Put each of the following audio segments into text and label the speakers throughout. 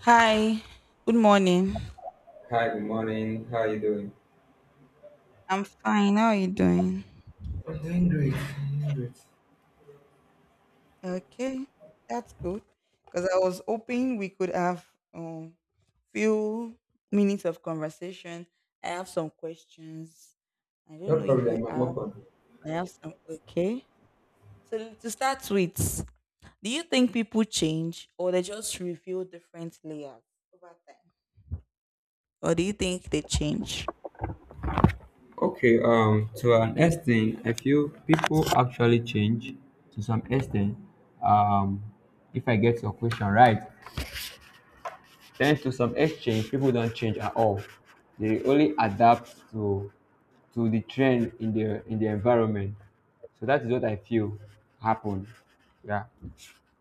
Speaker 1: Hi, good morning.
Speaker 2: Hi, good morning. How are you doing?
Speaker 1: I'm fine. How are you doing?
Speaker 2: I'm doing great. I'm doing great.
Speaker 1: Okay, that's good. Because I was hoping we could have um few minutes of conversation. I have some questions. I
Speaker 2: No
Speaker 1: don't know if you
Speaker 2: problem, I'm
Speaker 1: have.
Speaker 2: open.
Speaker 1: I have some. Okay. So to start with, do you think people change or they just reveal different layers over time, or do you think they change?
Speaker 2: Okay, to an extent, I feel people actually change to some extent. Um, if I get your question right, then to some exchange, people don't change at all. They only adapt to the trend in the environment. So that is what I feel happened. Yeah.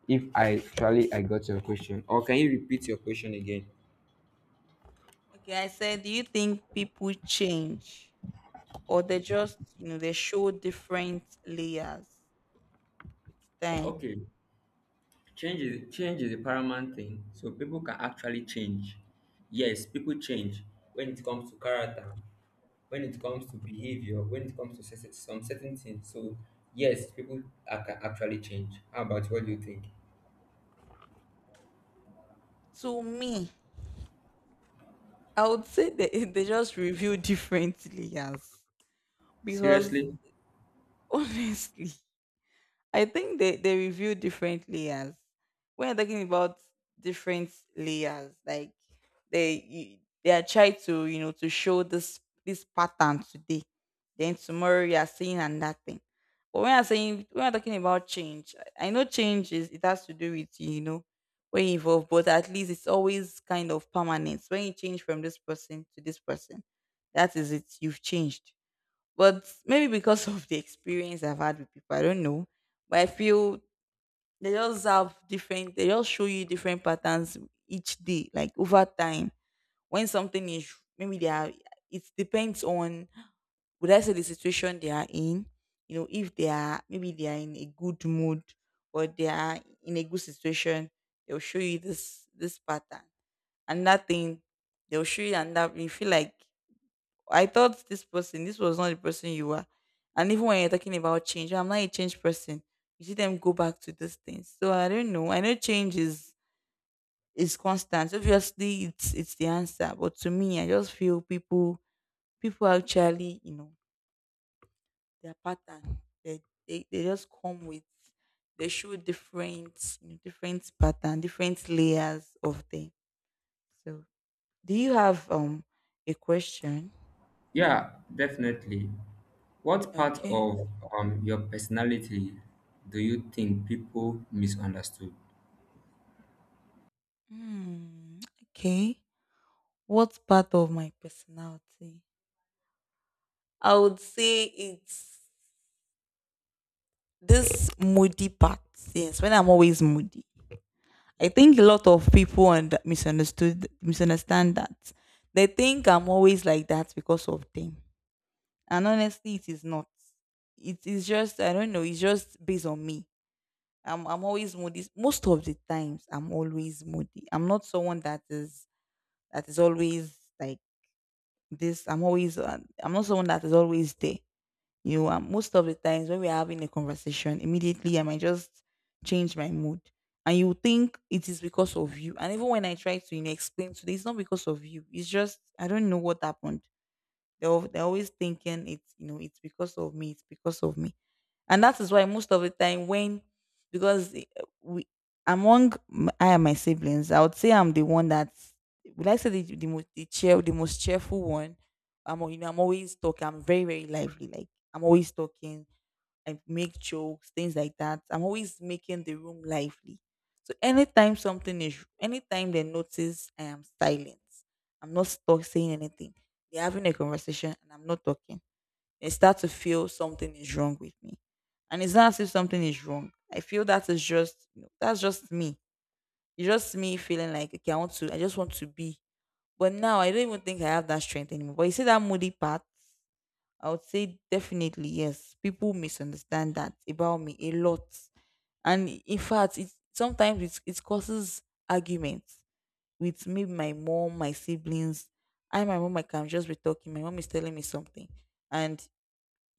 Speaker 2: If I actually I got your question, or can you repeat your question again?
Speaker 1: Okay, I said, do you think people change or they just, you know, they show different layers with time?
Speaker 2: Okay. Change is a paramount thing. So people can actually change. Yes, people change when it comes to character, when it comes to behavior, when it comes to some certain things. So yes, people are, can actually change. How about you? What do you think?
Speaker 1: To me, I would say they just reveal different layers because
Speaker 2: Seriously?
Speaker 1: honestly, I think they review different layers. When you're talking about different layers, like they you, they are trying to, you know, to show this pattern today, then tomorrow you are seeing another thing. But when I'm talking about change, I know change is it has to do with, you know, when you evolve, but at least it's always kind of permanent. When you change from this person to this person, that is it. You've changed, but maybe because of the experience I've had with people, I don't know. But I feel they just show you different patterns each day, like over time. When something is, maybe they are, it depends on, would I say the situation they are in? You know, if they are, maybe they are in a good mood or they are in a good situation, they'll show you this pattern. And that thing, they'll show you and that you feel like I thought this person, this was not the person you were. And even when you're talking about change, I'm not a change person. You see them go back to those things. So I don't know. I know change is constant. Obviously, it's the answer. But to me, I just feel people actually, you know, their pattern. They they just come with they show different, you know, different pattern, different layers of them. So do you have a question?
Speaker 2: Yeah, definitely. What part
Speaker 1: Okay.
Speaker 2: of your personality do you think people misunderstood?
Speaker 1: Hmm. Okay. What part of my personality? I would say it's this moody part. Yes, when I'm always moody. I think a lot of people and misunderstood misunderstand that. They think I'm always like that because of them. And honestly, it is not. It is just I don't know, it's just based on me. I'm always moody. Most of the times I'm always moody. I'm not someone that is always like this. I'm always I'm not someone that is always there. You know, and most of the times when we're having a conversation, immediately I might just change my mood. And you think it is because of you. And even when I try to, you know, explain to them, it's not because of you. It's just I don't know what happened. They're always thinking it's, you know, it's because of me, it's because of me. And that is why most of the time when because eh, we I and my siblings, I would say I'm the one that would I say the most the most cheerful one. You know, I'm always talking. I'm very lively. Like I'm always talking. I make jokes, things like that. I'm always making the room lively. So anytime they notice I am silent, I'm not stuck saying anything. They're having a conversation and I'm not talking, they start to feel something is wrong with me. And it's not as if something is wrong. I feel that is just, you know, that's just me. It's just me feeling like okay, I just want to be. But now I don't even think I have that strength anymore. But you see that moody part, I would say definitely yes. People misunderstand that about me a lot, and in fact, it causes arguments with me, my mom, my siblings. My mom, I can just be talking. My mom is telling me something, and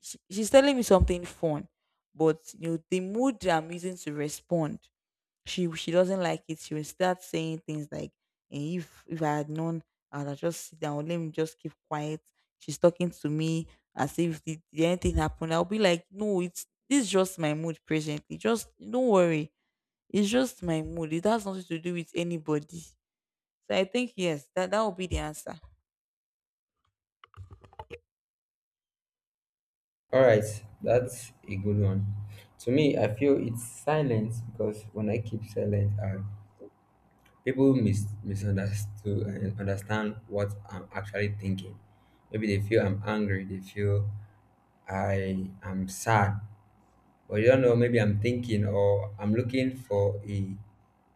Speaker 1: she's telling me something fun, but you know the mood I'm using to respond, she doesn't like it. She will start saying things like, "Eh, if I had known, I'd have just sit down. Let me just keep quiet." She's talking to me as if the anything happened. I'll be like, "No, it's this is just my mood presently. Just don't worry. It's just my mood. It has nothing to do with anybody." So I think yes, that will be the answer.
Speaker 2: All right, that's a good one. To me, I feel it's silence because when I keep silent, I people misunderstood and understand what I'm actually thinking. Maybe they feel I'm angry, they feel I am sad, but they don't know. Maybe I'm thinking or I'm looking for a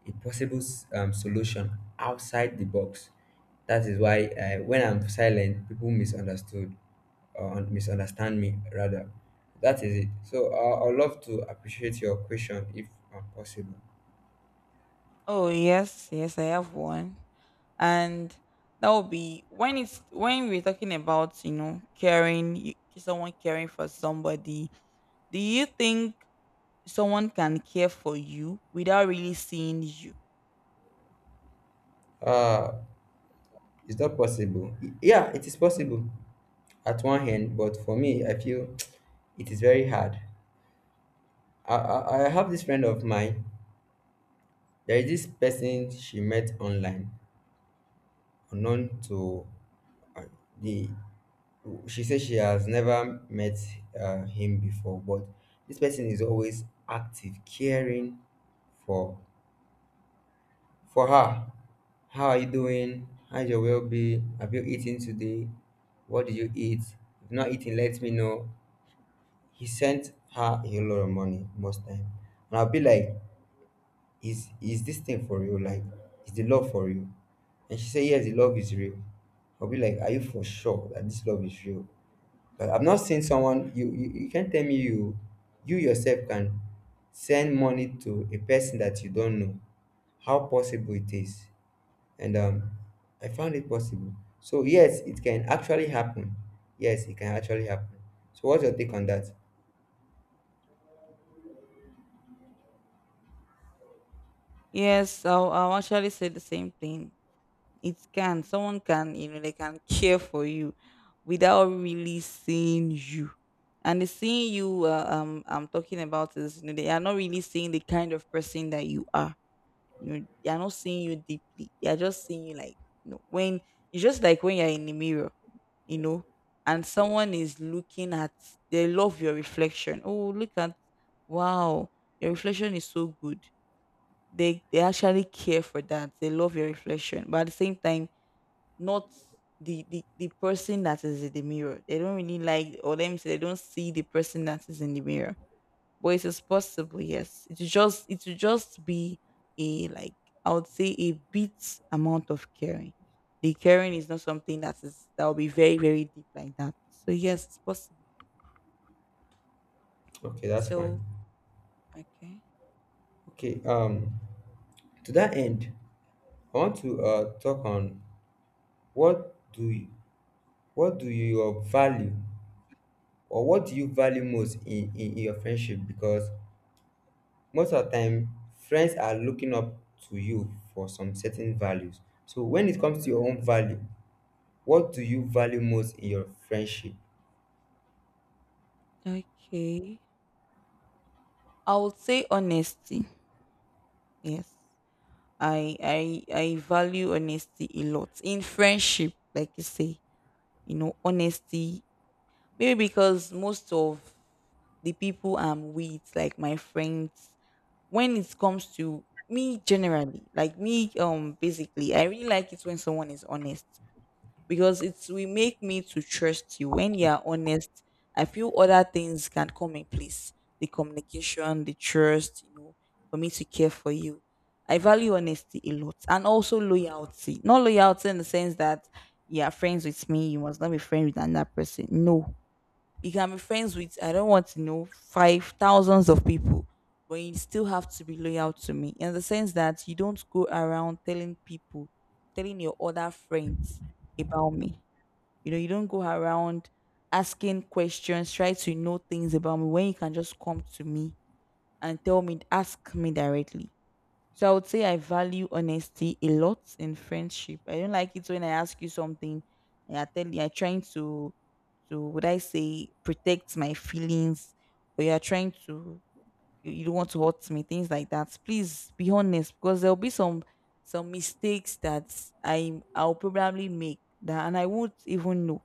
Speaker 2: a possible solution outside the box. That is why when I'm silent, people misunderstood or misunderstand me rather. That is it. So I'd love to appreciate your question if possible.
Speaker 1: Oh yes, yes, I have one, and that would be when it's when we're talking about, you know, someone caring for somebody. Do you think someone can care for you without really seeing you?
Speaker 2: Uh, it's not possible. Yeah, it is possible. At one hand, but for me, I feel it is very hard. I have this friend of mine. There is this person she met online, unknown to uh, the. She says she has never met him before, but this person is always active, caring for for her. How are you doing? How's your well-being? Have you eaten today? What did you eat? If not eating, let me know. He sent her a lot of money most time, and I'll be like, is this thing for real, like, is the love for real? And she said, yes, the love is real. I'll be like, are you for sure that this love is real? But I've not seen someone. You can't tell me you, you yourself can send money to a person that you don't know. How possible it is? And, I found it possible. So yes, it can actually happen. Yes, it can actually happen. So what's your take on that?
Speaker 1: Yes, I'll actually say the same thing. It can someone can, you know, they can care for you without really seeing you, and the seeing you I'm talking about is, you know, they are not really seeing the kind of person that you are. You know, they are not seeing you deeply. They are just seeing you like, you know, when it's just like when you're in the mirror, you know, and someone is looking at, they love your reflection. Oh, look at, wow, your reflection is so good. They actually care for that. They love your reflection. But at the same time, not the person that is in the mirror. They don't really like, or let me say they don't see the person that is in the mirror, but it is possible. Yes, it will just be a, like, I would say a bit amount of caring. The caring is not something that is that will be very deep like that. So yes, it's possible.
Speaker 2: Okay, that's fine.
Speaker 1: So okay,
Speaker 2: Okay, um, to that end, I want to talk on what do you, what do you value or what do you value most in your friendship? Because most of the time, friends are looking up to you for some certain values. So when it comes to your own value, what do you value most in your friendship?
Speaker 1: okay, I would say honesty. Yes, I value honesty a lot in friendship, like you say. You know, honesty. Maybe because most of the people I'm with, like my friends, when it comes to me generally, like me, basically, I really like it when someone is honest because it's will make me to trust you. When you are honest, I feel other things can come in place. The communication, the trust, you know, for me to care for you. I value honesty a lot and also loyalty. Not loyalty in the sense that you are friends with me, you must not be friends with another person. No. You can be friends with, I don't want to know, five thousands of people, but you still have to be loyal to me in the sense that you don't go around telling people, telling your other friends about me. You know, you don't go around asking questions, try to know things about me when you can just come to me and tell me, ask me directly. So I would say I value honesty a lot in friendship. I don't like it when I ask you something and I tell you you're trying to would I say protect my feelings, or you're trying to you don't want to hurt me, things like that. Please be honest because there'll be some mistakes that I'll probably make that and I won't even know.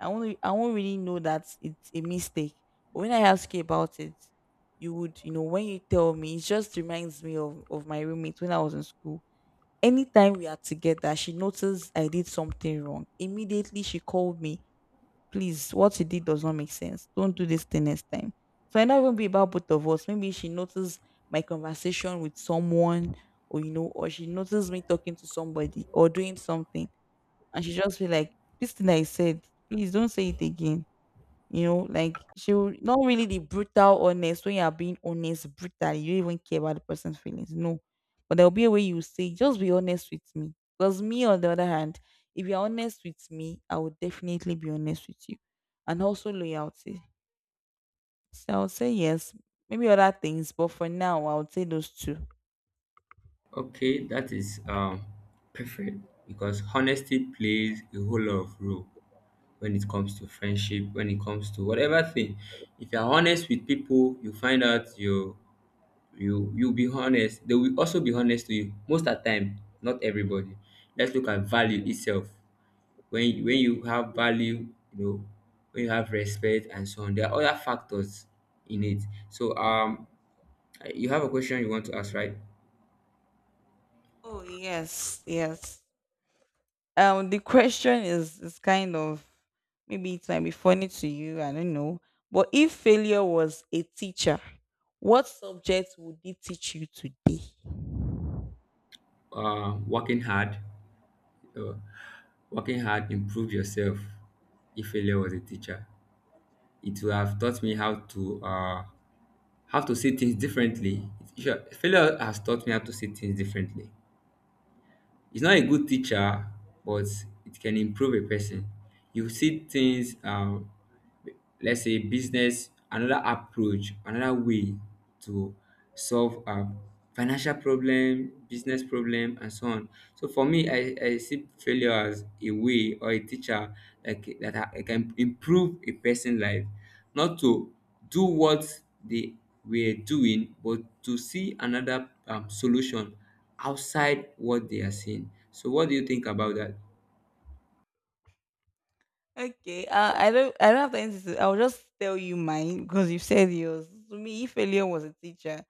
Speaker 1: I won't really know that it's a mistake. But when I ask you about it, you would, you know, when you tell me, it just reminds me of my roommate when I was in school. Anytime we are together, she noticed I did something wrong. Immediately she called me, please, what you did does not make sense. Don't do this thing next time. So I know it won't be about both of us. Maybe she noticed my conversation with someone, or you know, or she noticed me talking to somebody or doing something. And she just feel like, this thing I said, please don't say it again, you know, like she'll not really the brutal honest when you are being honest, brutal, you don't even care about the person's feelings. No. But there'll be a way you say, just be honest with me. Because me, on the other hand, if you're honest with me, I will definitely be honest with you. And also loyalty. So I would say yes. Maybe other things, but for now I would say those two.
Speaker 2: Okay, that is perfect because honesty plays a whole lot of role when it comes to friendship, when it comes to whatever thing. If you are honest with people, you find out you'll be honest. They will also be honest to you. Most of the time, not everybody. Let's look at value itself. When you have value, you know, when you have respect and so on, there are other factors in it. So you have a question you want to ask, right?
Speaker 1: Oh yes, yes. The question is kind of maybe it might be funny to you. I don't know. But if failure was a teacher, what subject would it teach you today?
Speaker 2: Uh, working hard, uh, Working hard, improve yourself. If failure was a teacher. It will have taught me how to see things differently. Sure, failure has taught me how to see things differently. It's not a good teacher, but it can improve a person. You see things let's say business, another approach, another way to solve financial problem, business problem, and so on. So for me, I see failure as a way or a teacher that, can improve a person's life, not to do what they were doing, but to see another, solution outside what they are seeing. So what do you think about that?
Speaker 1: Okay, I don't have the answer I'll just tell you mine because you said yours. To me, if failure was a teacher,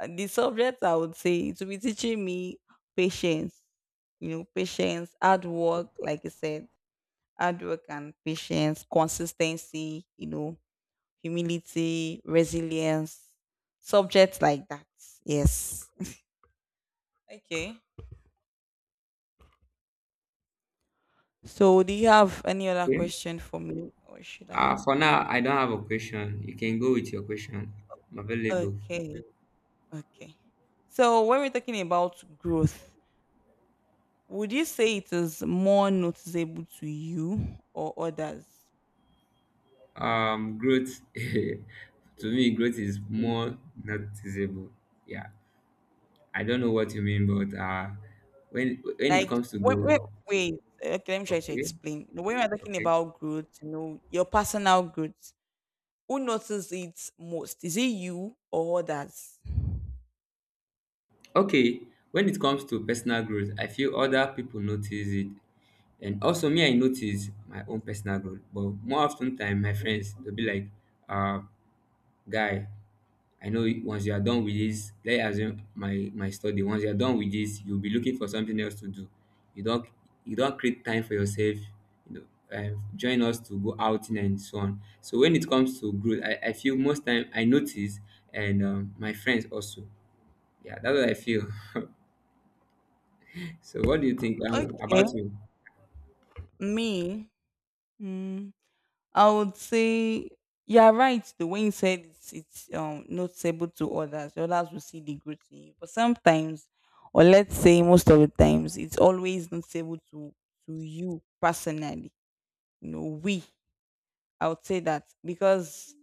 Speaker 1: the subject I would say it would be teaching me patience. You know, patience, hard work, like I said, hard work and patience, consistency. You know, humility, resilience, subjects like that. Yes. Okay. So, do you have any other question for me, or should I?
Speaker 2: For now, I don't have a question. You can go with your question. I'm available.
Speaker 1: Okay, okay. So, when we're talking about growth, would you say it is more noticeable to you or others?
Speaker 2: Growth to me, growth is more noticeable. Yeah, I don't know what you mean, but when it
Speaker 1: Like,
Speaker 2: comes to
Speaker 1: wait,
Speaker 2: growth,
Speaker 1: wait, wait. Okay, let me try to
Speaker 2: okay,
Speaker 1: explain. When we're talking
Speaker 2: okay,
Speaker 1: about growth, you know, your personal growth, who notices it most? Is it you or others?
Speaker 2: okay. When it comes to personal growth, I feel other people notice it, and also me, I notice my own personal growth. But more often time, my friends they'll be like, uh, guy, I know once you are done with this, let's assume my study. Once you are done with this, you'll be looking for something else to do. You don't you don't create time for yourself. You know, join us to go outing and so on. So when it comes to growth, I feel most time I notice, and my friends also. Yeah, that's what I feel. So what do you think
Speaker 1: Okay.
Speaker 2: about you
Speaker 1: Me, mm, I would say you're right. The way you said it's noticeable to others, others will see the good in you. But sometimes, or let's say most of the times, it's always noticeable to you personally. You know, we. I would say that because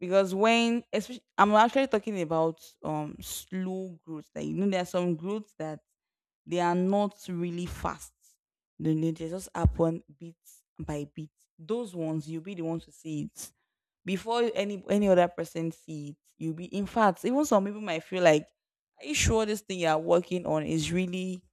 Speaker 1: because when especially, I'm actually talking about slow growth. Like you know, there are some growth that they are not really fast. No, no, they just happen bit by bit. Those ones, you'll be the one to see it before any other person see it. You'll be, in fact, even some people might feel like, are you sure this thing you are working on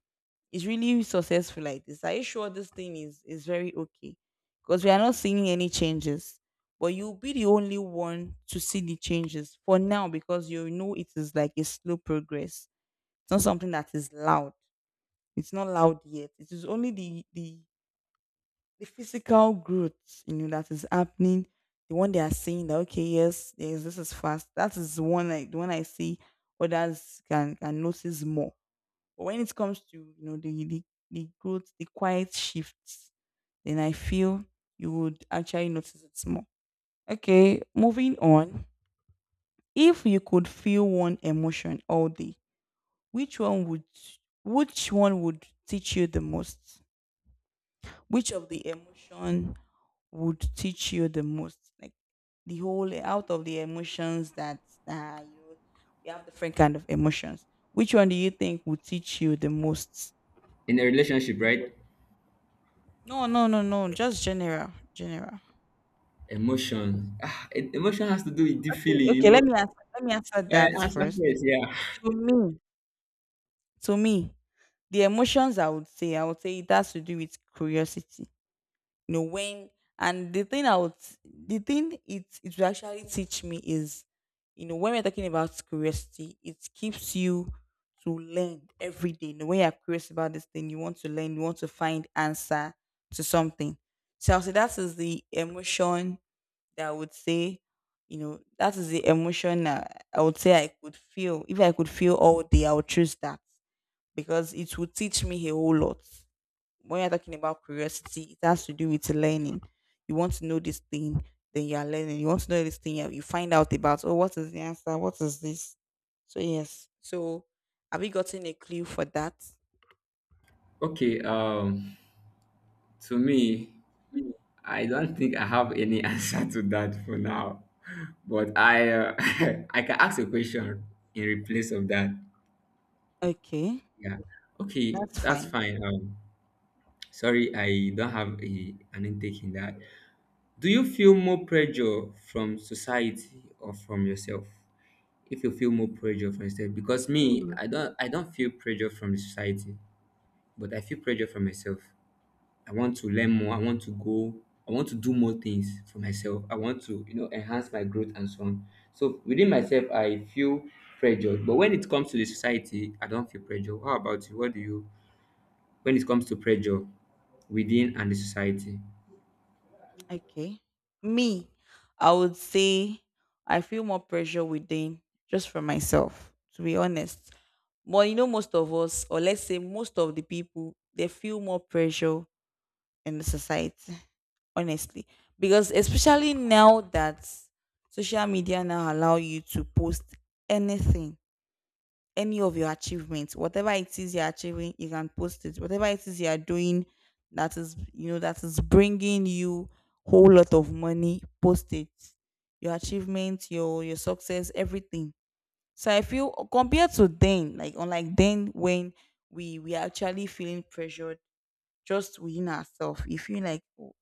Speaker 1: is really successful like this? Are you sure this thing is very okay? Because we are not seeing any changes but you'll be the only one to see the changes for now because you know it is like a slow progress. It's not something that is loud. It's not loud yet. It is only the physical growth, you know, that is happening. The one they are saying that okay, yes, yes, this is fast. That is the one I see others can notice more. But when it comes to you know the growth, the quiet shifts, then I feel you would actually notice it more. Okay, moving on. If you could feel one emotion all day, which one would which one would teach you the most? Which of the emotion would teach you the most like the whole out of the emotions that you know we have different kind of emotions which one do you think would teach you the most?
Speaker 2: in a relationship, right?
Speaker 1: No, no, no, no, just general, general.
Speaker 2: Emotion. Ah, emotion has to do with the
Speaker 1: Okay,
Speaker 2: feeling, you
Speaker 1: okay,
Speaker 2: know.
Speaker 1: let me answer that
Speaker 2: Answer
Speaker 1: first.
Speaker 2: first, yeah.
Speaker 1: To me, to me, the emotions I would say, I would say it has to do with curiosity. You know when and the thing I would, the thing it will actually teach me is, you know, when we're talking about curiosity, it keeps you to learn every day. You know, when you're curious about this thing, you want to learn, you want to find answer to something. So I'll say that is the emotion that I would say. You know, that is the emotion that I would say I could feel. If I could feel all day, I would choose that because it would teach me a whole lot. When you're talking about curiosity, it has to do with learning. You want to know this thing, then you are learning. You want to know this thing, you find out about, oh, what is the answer? What is this? So, yes. So, have you gotten a clue for that?
Speaker 2: Okay. To me. I don't think I have any answer to that for now, but I I can ask a question in replace of that.
Speaker 1: Okay.
Speaker 2: Yeah. Okay,
Speaker 1: That's
Speaker 2: that's
Speaker 1: fine.
Speaker 2: fine. Sorry, I don't have a an intake in that. Do you feel more pressure from society or from yourself? If you feel more pressure from yourself, because me, I don't feel pressure from the society, but I feel pressure from myself. I want to learn more. I want to go. I want to do more things for myself. I want to, you know, enhance my growth and so on. So within myself, I feel pressure. But when it comes to the society, I don't feel pressure. How about you? What do you? When it comes to pressure within and the society?
Speaker 1: Okay. Me, I would say I feel more pressure within just for myself, to be honest. But you know, most of us, or let's say most of the people, they feel more pressure in the society, honestly, because especially now that social media now allow you to post anything, any of your achievements, whatever it is you're achieving, you can post it, whatever it is you're doing that is, you know, that is bringing you whole lot of money, post it, your achievements, your success, everything. So I feel, compared to then, like unlike then, when we are actually feeling pressured just within ourselves, you feel like, oh,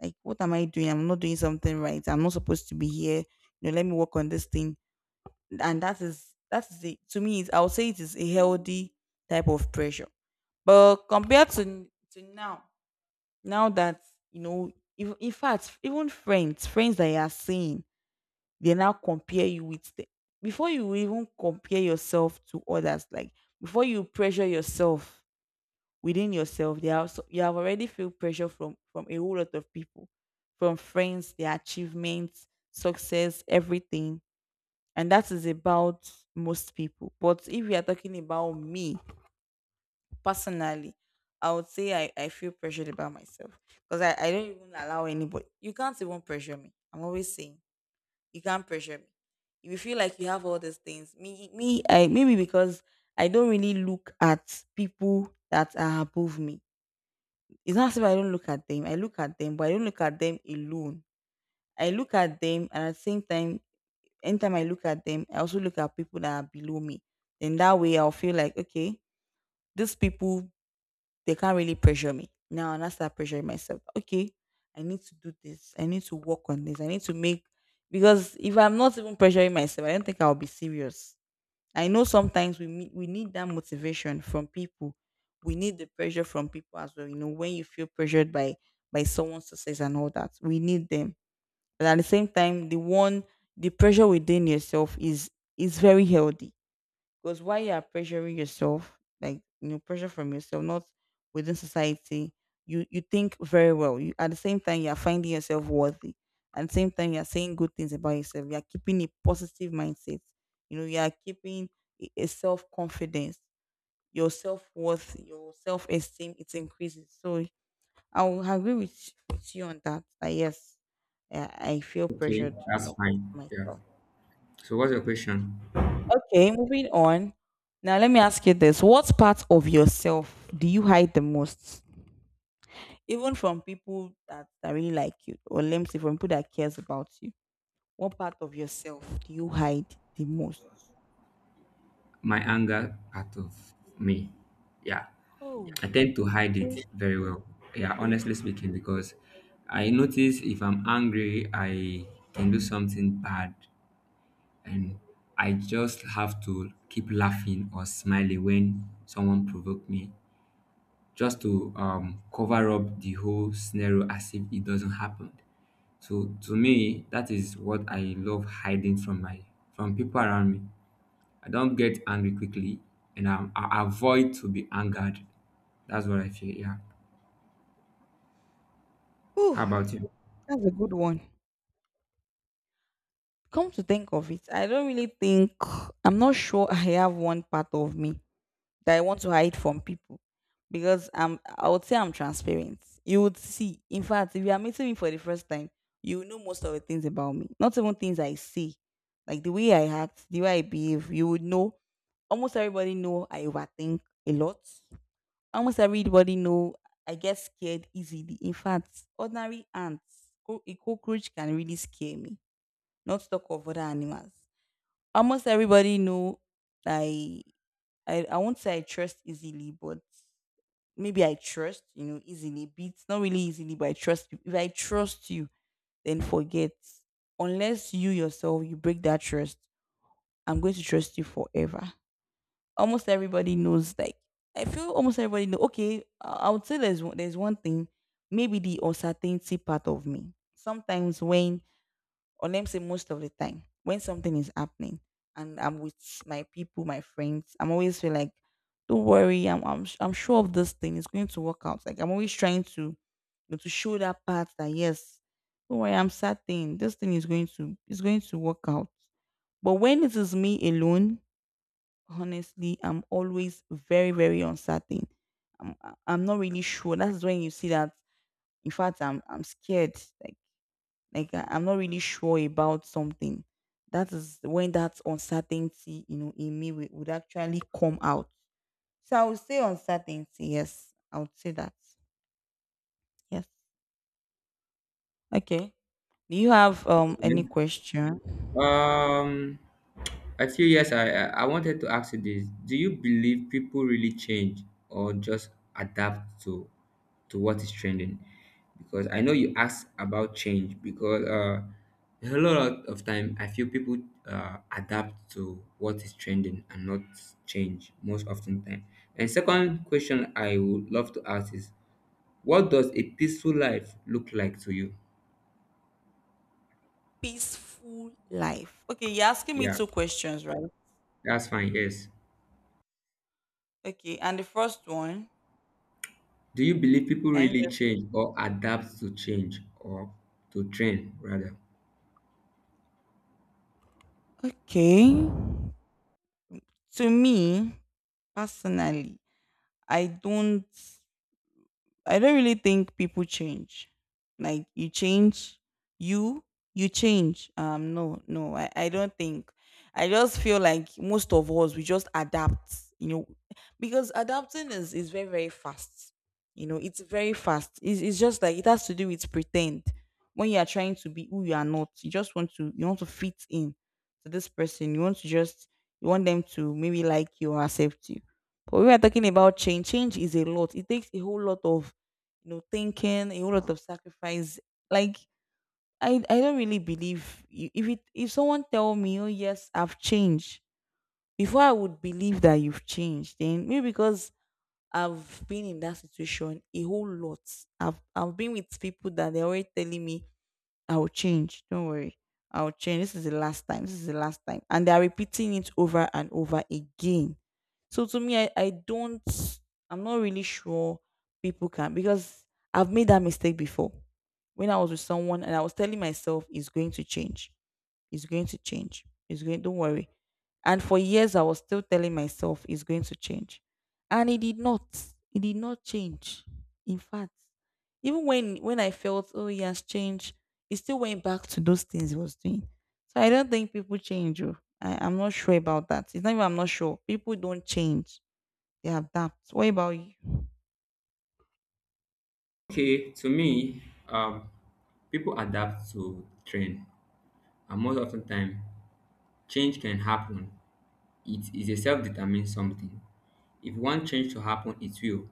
Speaker 1: like, what am I doing? I'm not doing something right. I'm not supposed to be here. You know, let me work on this thing. And that is it. To me, it's, I would say it is a healthy type of pressure. But compared to now, now that, you know, if, in fact, even friends, friends that you are seeing, they now compare you with them. Before you even compare yourself to others, like before you pressure yourself within yourself, there are so, you have already felt pressure from a whole lot of people, from friends, their achievements, success, everything. And that is about most people. But if you are talking about me personally, I would say I feel pressured about myself because I don't even allow anybody, you can't even pressure me. I'm always saying you can't pressure me. If you feel like you have all these things, me, me, I, maybe because I don't really look at people that are above me. It's not as if I don't look at them. I look at them, but I don't look at them alone. I look at them, and at the same time, anytime I look at them, I also look at people that are below me. Then that way, I'll feel like, okay, these people they can't really pressure me. Now, and I start pressuring myself. Okay, I need to do this. I need to work on this. I need to make because if I'm not even pressuring myself, I don't think I'll be serious. I know sometimes we need that motivation from people. We need the pressure from people as well. You know, when you feel pressured by someone's success and all that, we need them. But at the same time, the one the pressure within yourself is very healthy because while you are pressuring yourself, like you know, pressure from yourself, not within society, you think very well. You at the same time you are finding yourself worthy. At the same time you are saying good things about yourself. You are keeping a positive mindset. You know, you are keeping a self confidence. Your self worth, your self esteem, it increases. So I will agree with you on that. That yes, I feel
Speaker 2: Okay,
Speaker 1: pressured, you
Speaker 2: that's
Speaker 1: know,
Speaker 2: fine. Yeah.
Speaker 1: myself.
Speaker 2: So what's your question?
Speaker 1: Okay, moving on. Now let me ask you this. What part of yourself do you hide the most? Even from people that, that really like you, or let me say from people that cares about you. What part of yourself do you hide the most?
Speaker 2: My anger part of me. Yeah.
Speaker 1: Oh,
Speaker 2: I tend to hide it
Speaker 1: okay.
Speaker 2: very well. Yeah,
Speaker 1: Whew,
Speaker 2: honestly speaking, because I notice if I'm angry, I can do something bad, and I just have to keep laughing or smiling when someone provoke me, just to cover up the whole scenario as if it doesn't happen. So to me, that is what I love hiding from my from people around me. I don't get angry quickly, and I avoid to be angered. That's what I feel. Yeah. How about you?
Speaker 1: that's a good one. Come to think of it, I don't really think, I'm not sure I have one part of me that I want to hide from people because I'm, I would say I'm transparent. You would see. In fact, if you are meeting me for the first time, you will know most of the things about me. Not even things I say, like the way I act, the way I behave. You would know. Almost everybody know I overthink a lot. Almost everybody know I get scared easily. In fact, ordinary ants, a cockroach can really scare me. Not talk of other animals. Almost everybody know I I won't say I trust easily, but maybe I trust, you know, easily, but it's not really easily, but I trust you. If I trust you, then forget. Unless you yourself, you break that trust, I'm going to trust you forever. Almost everybody knows, like, I feel almost everybody know, okay, I would say there's, there's one thing, maybe the uncertainty part of me. Sometimes when or let me say most of the time when something is happening and I'm with my people, my friends, I'm always feel like, don't worry, I'm, am I I'm sure of this thing. It's going to work out. Like I'm always trying to you know, to show that part that yes, don't worry, I'm certain this thing is going to work out. But when it is me alone, honestly, I'm always very very uncertain. I'm not really sure. That's when you see that. In fact, I'm scared. Like I'm not really sure about something, that is when that uncertainty you know in me would actually come out. So I would say uncertainty, yes, I would say that. Yes. Okay. Do you have
Speaker 2: Okay.
Speaker 1: any question?
Speaker 2: Um, Actually, yes, I wanted to ask you this. Do you believe people really change or just adapt to what is trending? Because I know you asked about change because a lot of time I feel people adapt to what is trending and not change most often time. And second question I would love to ask is, what does a peaceful life look like to you?
Speaker 1: Peaceful life, okay, you're asking me
Speaker 2: Yeah,
Speaker 1: two questions, right?
Speaker 2: that's fine. Yes.
Speaker 1: Okay, and the first one,
Speaker 2: Do you believe people
Speaker 1: can
Speaker 2: really
Speaker 1: you just?
Speaker 2: change or adapt to change or to trend rather?
Speaker 1: Okay, to me personally, i don't I don't really think people change. Like you change, you you change. No, no, I don't think. I just feel like most of us we just adapt, you know, because adapting is very very fast. You know, it's very fast. It's just like it has to do with pretend. When you are trying to be who you are not, you just want to you want to fit in to this person. You want to just you want them to maybe like you or accept you. But when we are talking about change, change is a lot. It takes a whole lot of thinking, a whole lot of sacrifice. Like I don't really if it if someone tell me, oh yes, I've changed. Before I would believe that you've changed, then maybe because I've been in that situation a whole lot. I've been with people that they're already telling me I will change. Don't worry. I will change. This is the last time. This is the last time. And they are repeating it over and over again. So to me, I'm not really sure people can, because I've made that mistake before when I was with someone and I was telling myself it's going to change. It's going to change. It's going, don't worry. And for years, I was still telling myself it's going to change. And it did not. It did not change. In fact, even when I felt, oh, he has changed, it still went back to those things he was doing. So I don't think people change. Oh, I'm not sure about that. It's not even I'm not sure. People don't change. They adapt. What about you?
Speaker 2: Okay, to me, um, people adapt to trend, and most of the time, change can happen. It is a self-determined something. If you want change to happen, it will.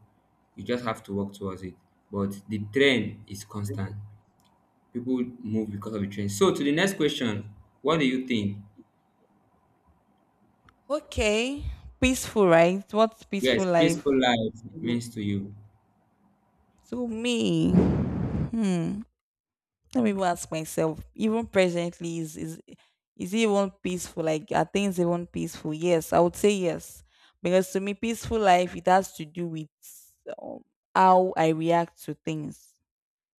Speaker 2: You just have to work towards it. But the trend is constant. People move because of the trend. So to the next question, what do you think?
Speaker 1: Okay. Peaceful, right? What's
Speaker 2: Yes,
Speaker 1: peaceful
Speaker 2: peaceful
Speaker 1: life?
Speaker 2: life means to you.
Speaker 1: To me. Hmm. Let me even ask myself, even presently, is it even peaceful? Like are things even peaceful? Yes, I would say yes. Because to me, peaceful life, it has to do with um, how I react to things.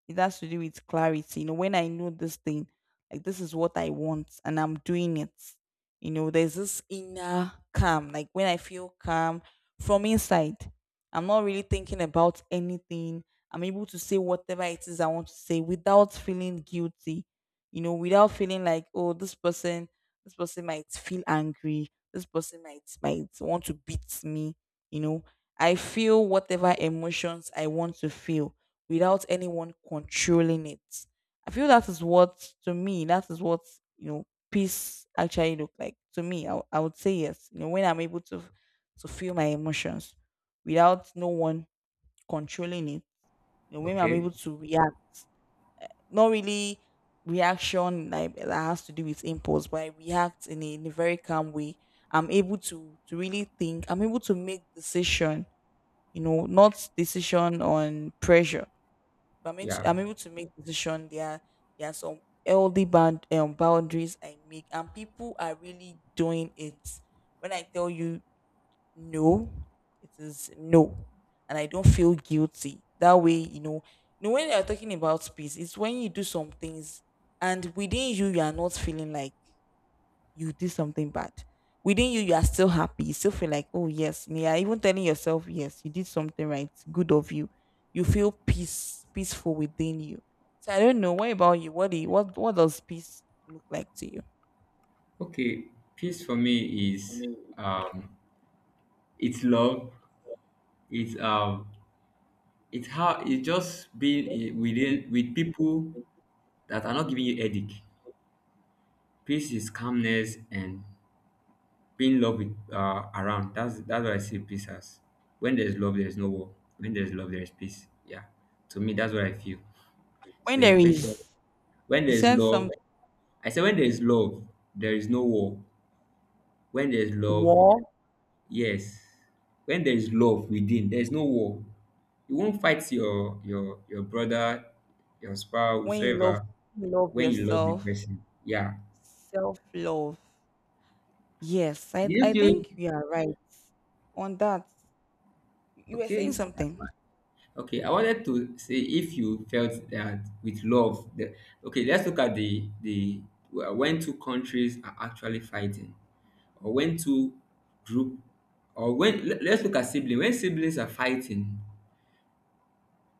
Speaker 1: It has to do with clarity. You know, when I know this thing, like this is what I want and I'm doing it, you know, there's this inner calm. Like when I feel calm from inside, I'm not really thinking about anything. I'm able to say whatever it is I want to say without feeling guilty, you know, without feeling like, oh, this person might feel angry. This person might want to beat me, you know. I feel whatever emotions I want to feel without anyone controlling it. I feel that is what, to me that is what, you know, peace actually look like to me. I would say yes. You know when I'm able to feel my emotions without no one controlling it. You know when I'm able
Speaker 2: Okay.
Speaker 1: to react, not really reaction like that has to do with impulse, but I react in a very calm way. I'm able to really think. I'm able to make decision. You know, not decision on pressure but
Speaker 2: Yeah.
Speaker 1: I'm able to make decision. There are some healthy boundaries I make, and people are really doing it. When I tell you no, it is no, and I don't feel guilty. That way, you know when you are talking about peace, it's when you do some things and within you, you are not feeling like you do something bad. Within you, you are still happy. You still feel like, oh yes, and you are even telling yourself, yes, you did something right, good of you. You feel peace, peaceful within you. So I don't know. What about you? What do you, what does peace look like to you?
Speaker 2: Okay, peace for me is um it's love. It's um it's how it's just being in, within with people that are not giving you headache. Peace is calmness and being love with around. That's what I see peace as. When there's love, there's no war. When there's love, there's peace. Yeah. To me, that's what I feel.
Speaker 1: When
Speaker 2: So your
Speaker 1: there
Speaker 2: question,
Speaker 1: is,
Speaker 2: when
Speaker 1: you
Speaker 2: there's
Speaker 1: sense some
Speaker 2: love, I say when there's love, there is no war. When there's love,
Speaker 1: war.
Speaker 2: yes. When there is love within, there is no war. You won't fight your brother, your spouse,
Speaker 1: When
Speaker 2: whoever,
Speaker 1: you love
Speaker 2: when you love the
Speaker 1: yourself,
Speaker 2: person. Yeah.
Speaker 1: self love. Yes,
Speaker 2: Do
Speaker 1: I
Speaker 2: you
Speaker 1: I
Speaker 2: feel
Speaker 1: think you are right on that. You were saying
Speaker 2: okay? That's
Speaker 1: something.
Speaker 2: fine. Okay, I wanted to say if you felt that with love, the, okay, let's look at the when two countries are actually fighting, or when two group, or when let's look at siblings. When siblings are fighting,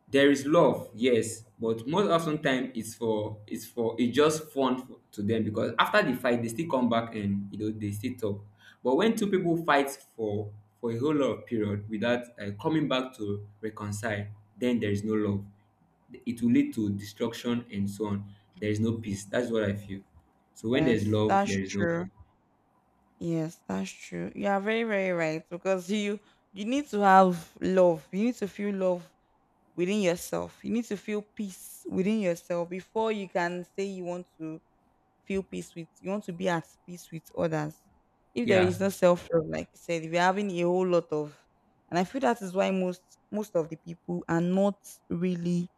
Speaker 2: there is love, yes, but most often time it's just fun to them, because after the fight they still come back and you know they still talk. But when two people fight for a whole lot of period without coming back to reconcile, then there is no love. It will lead to destruction and so on. There is no peace. That's what I feel. So when there's
Speaker 1: Yes,
Speaker 2: love, there
Speaker 1: that's
Speaker 2: is no
Speaker 1: true. Yes, that's true. You are very, very right because you need to have love. You need to feel love within yourself. You need to feel peace within yourself before you can say you want to feel peace with. You want to be at peace with others. If there
Speaker 2: yeah.
Speaker 1: is no self love, like you said, if you're having a whole lot of, and I feel that is why most of the people are not really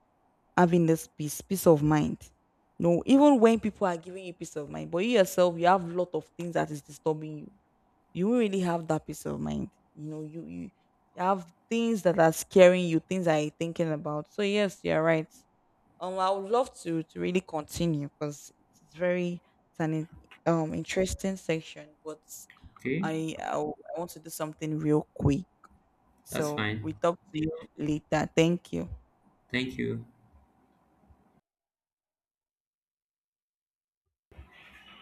Speaker 1: having this peace, peace of mind. No, even when people are giving you peace of mind, but you yourself, you have a lot of things that is disturbing you, you won't really have that peace of mind. You know, you have things that are scaring you, things that you're thinking about. So yes, you're right. I would love to really continue because it's very it's an interesting section, but
Speaker 2: Okay,
Speaker 1: I I I want to do something real quick.
Speaker 2: that's
Speaker 1: So
Speaker 2: fine.
Speaker 1: we talk to you later. Thank you.
Speaker 2: Thank you.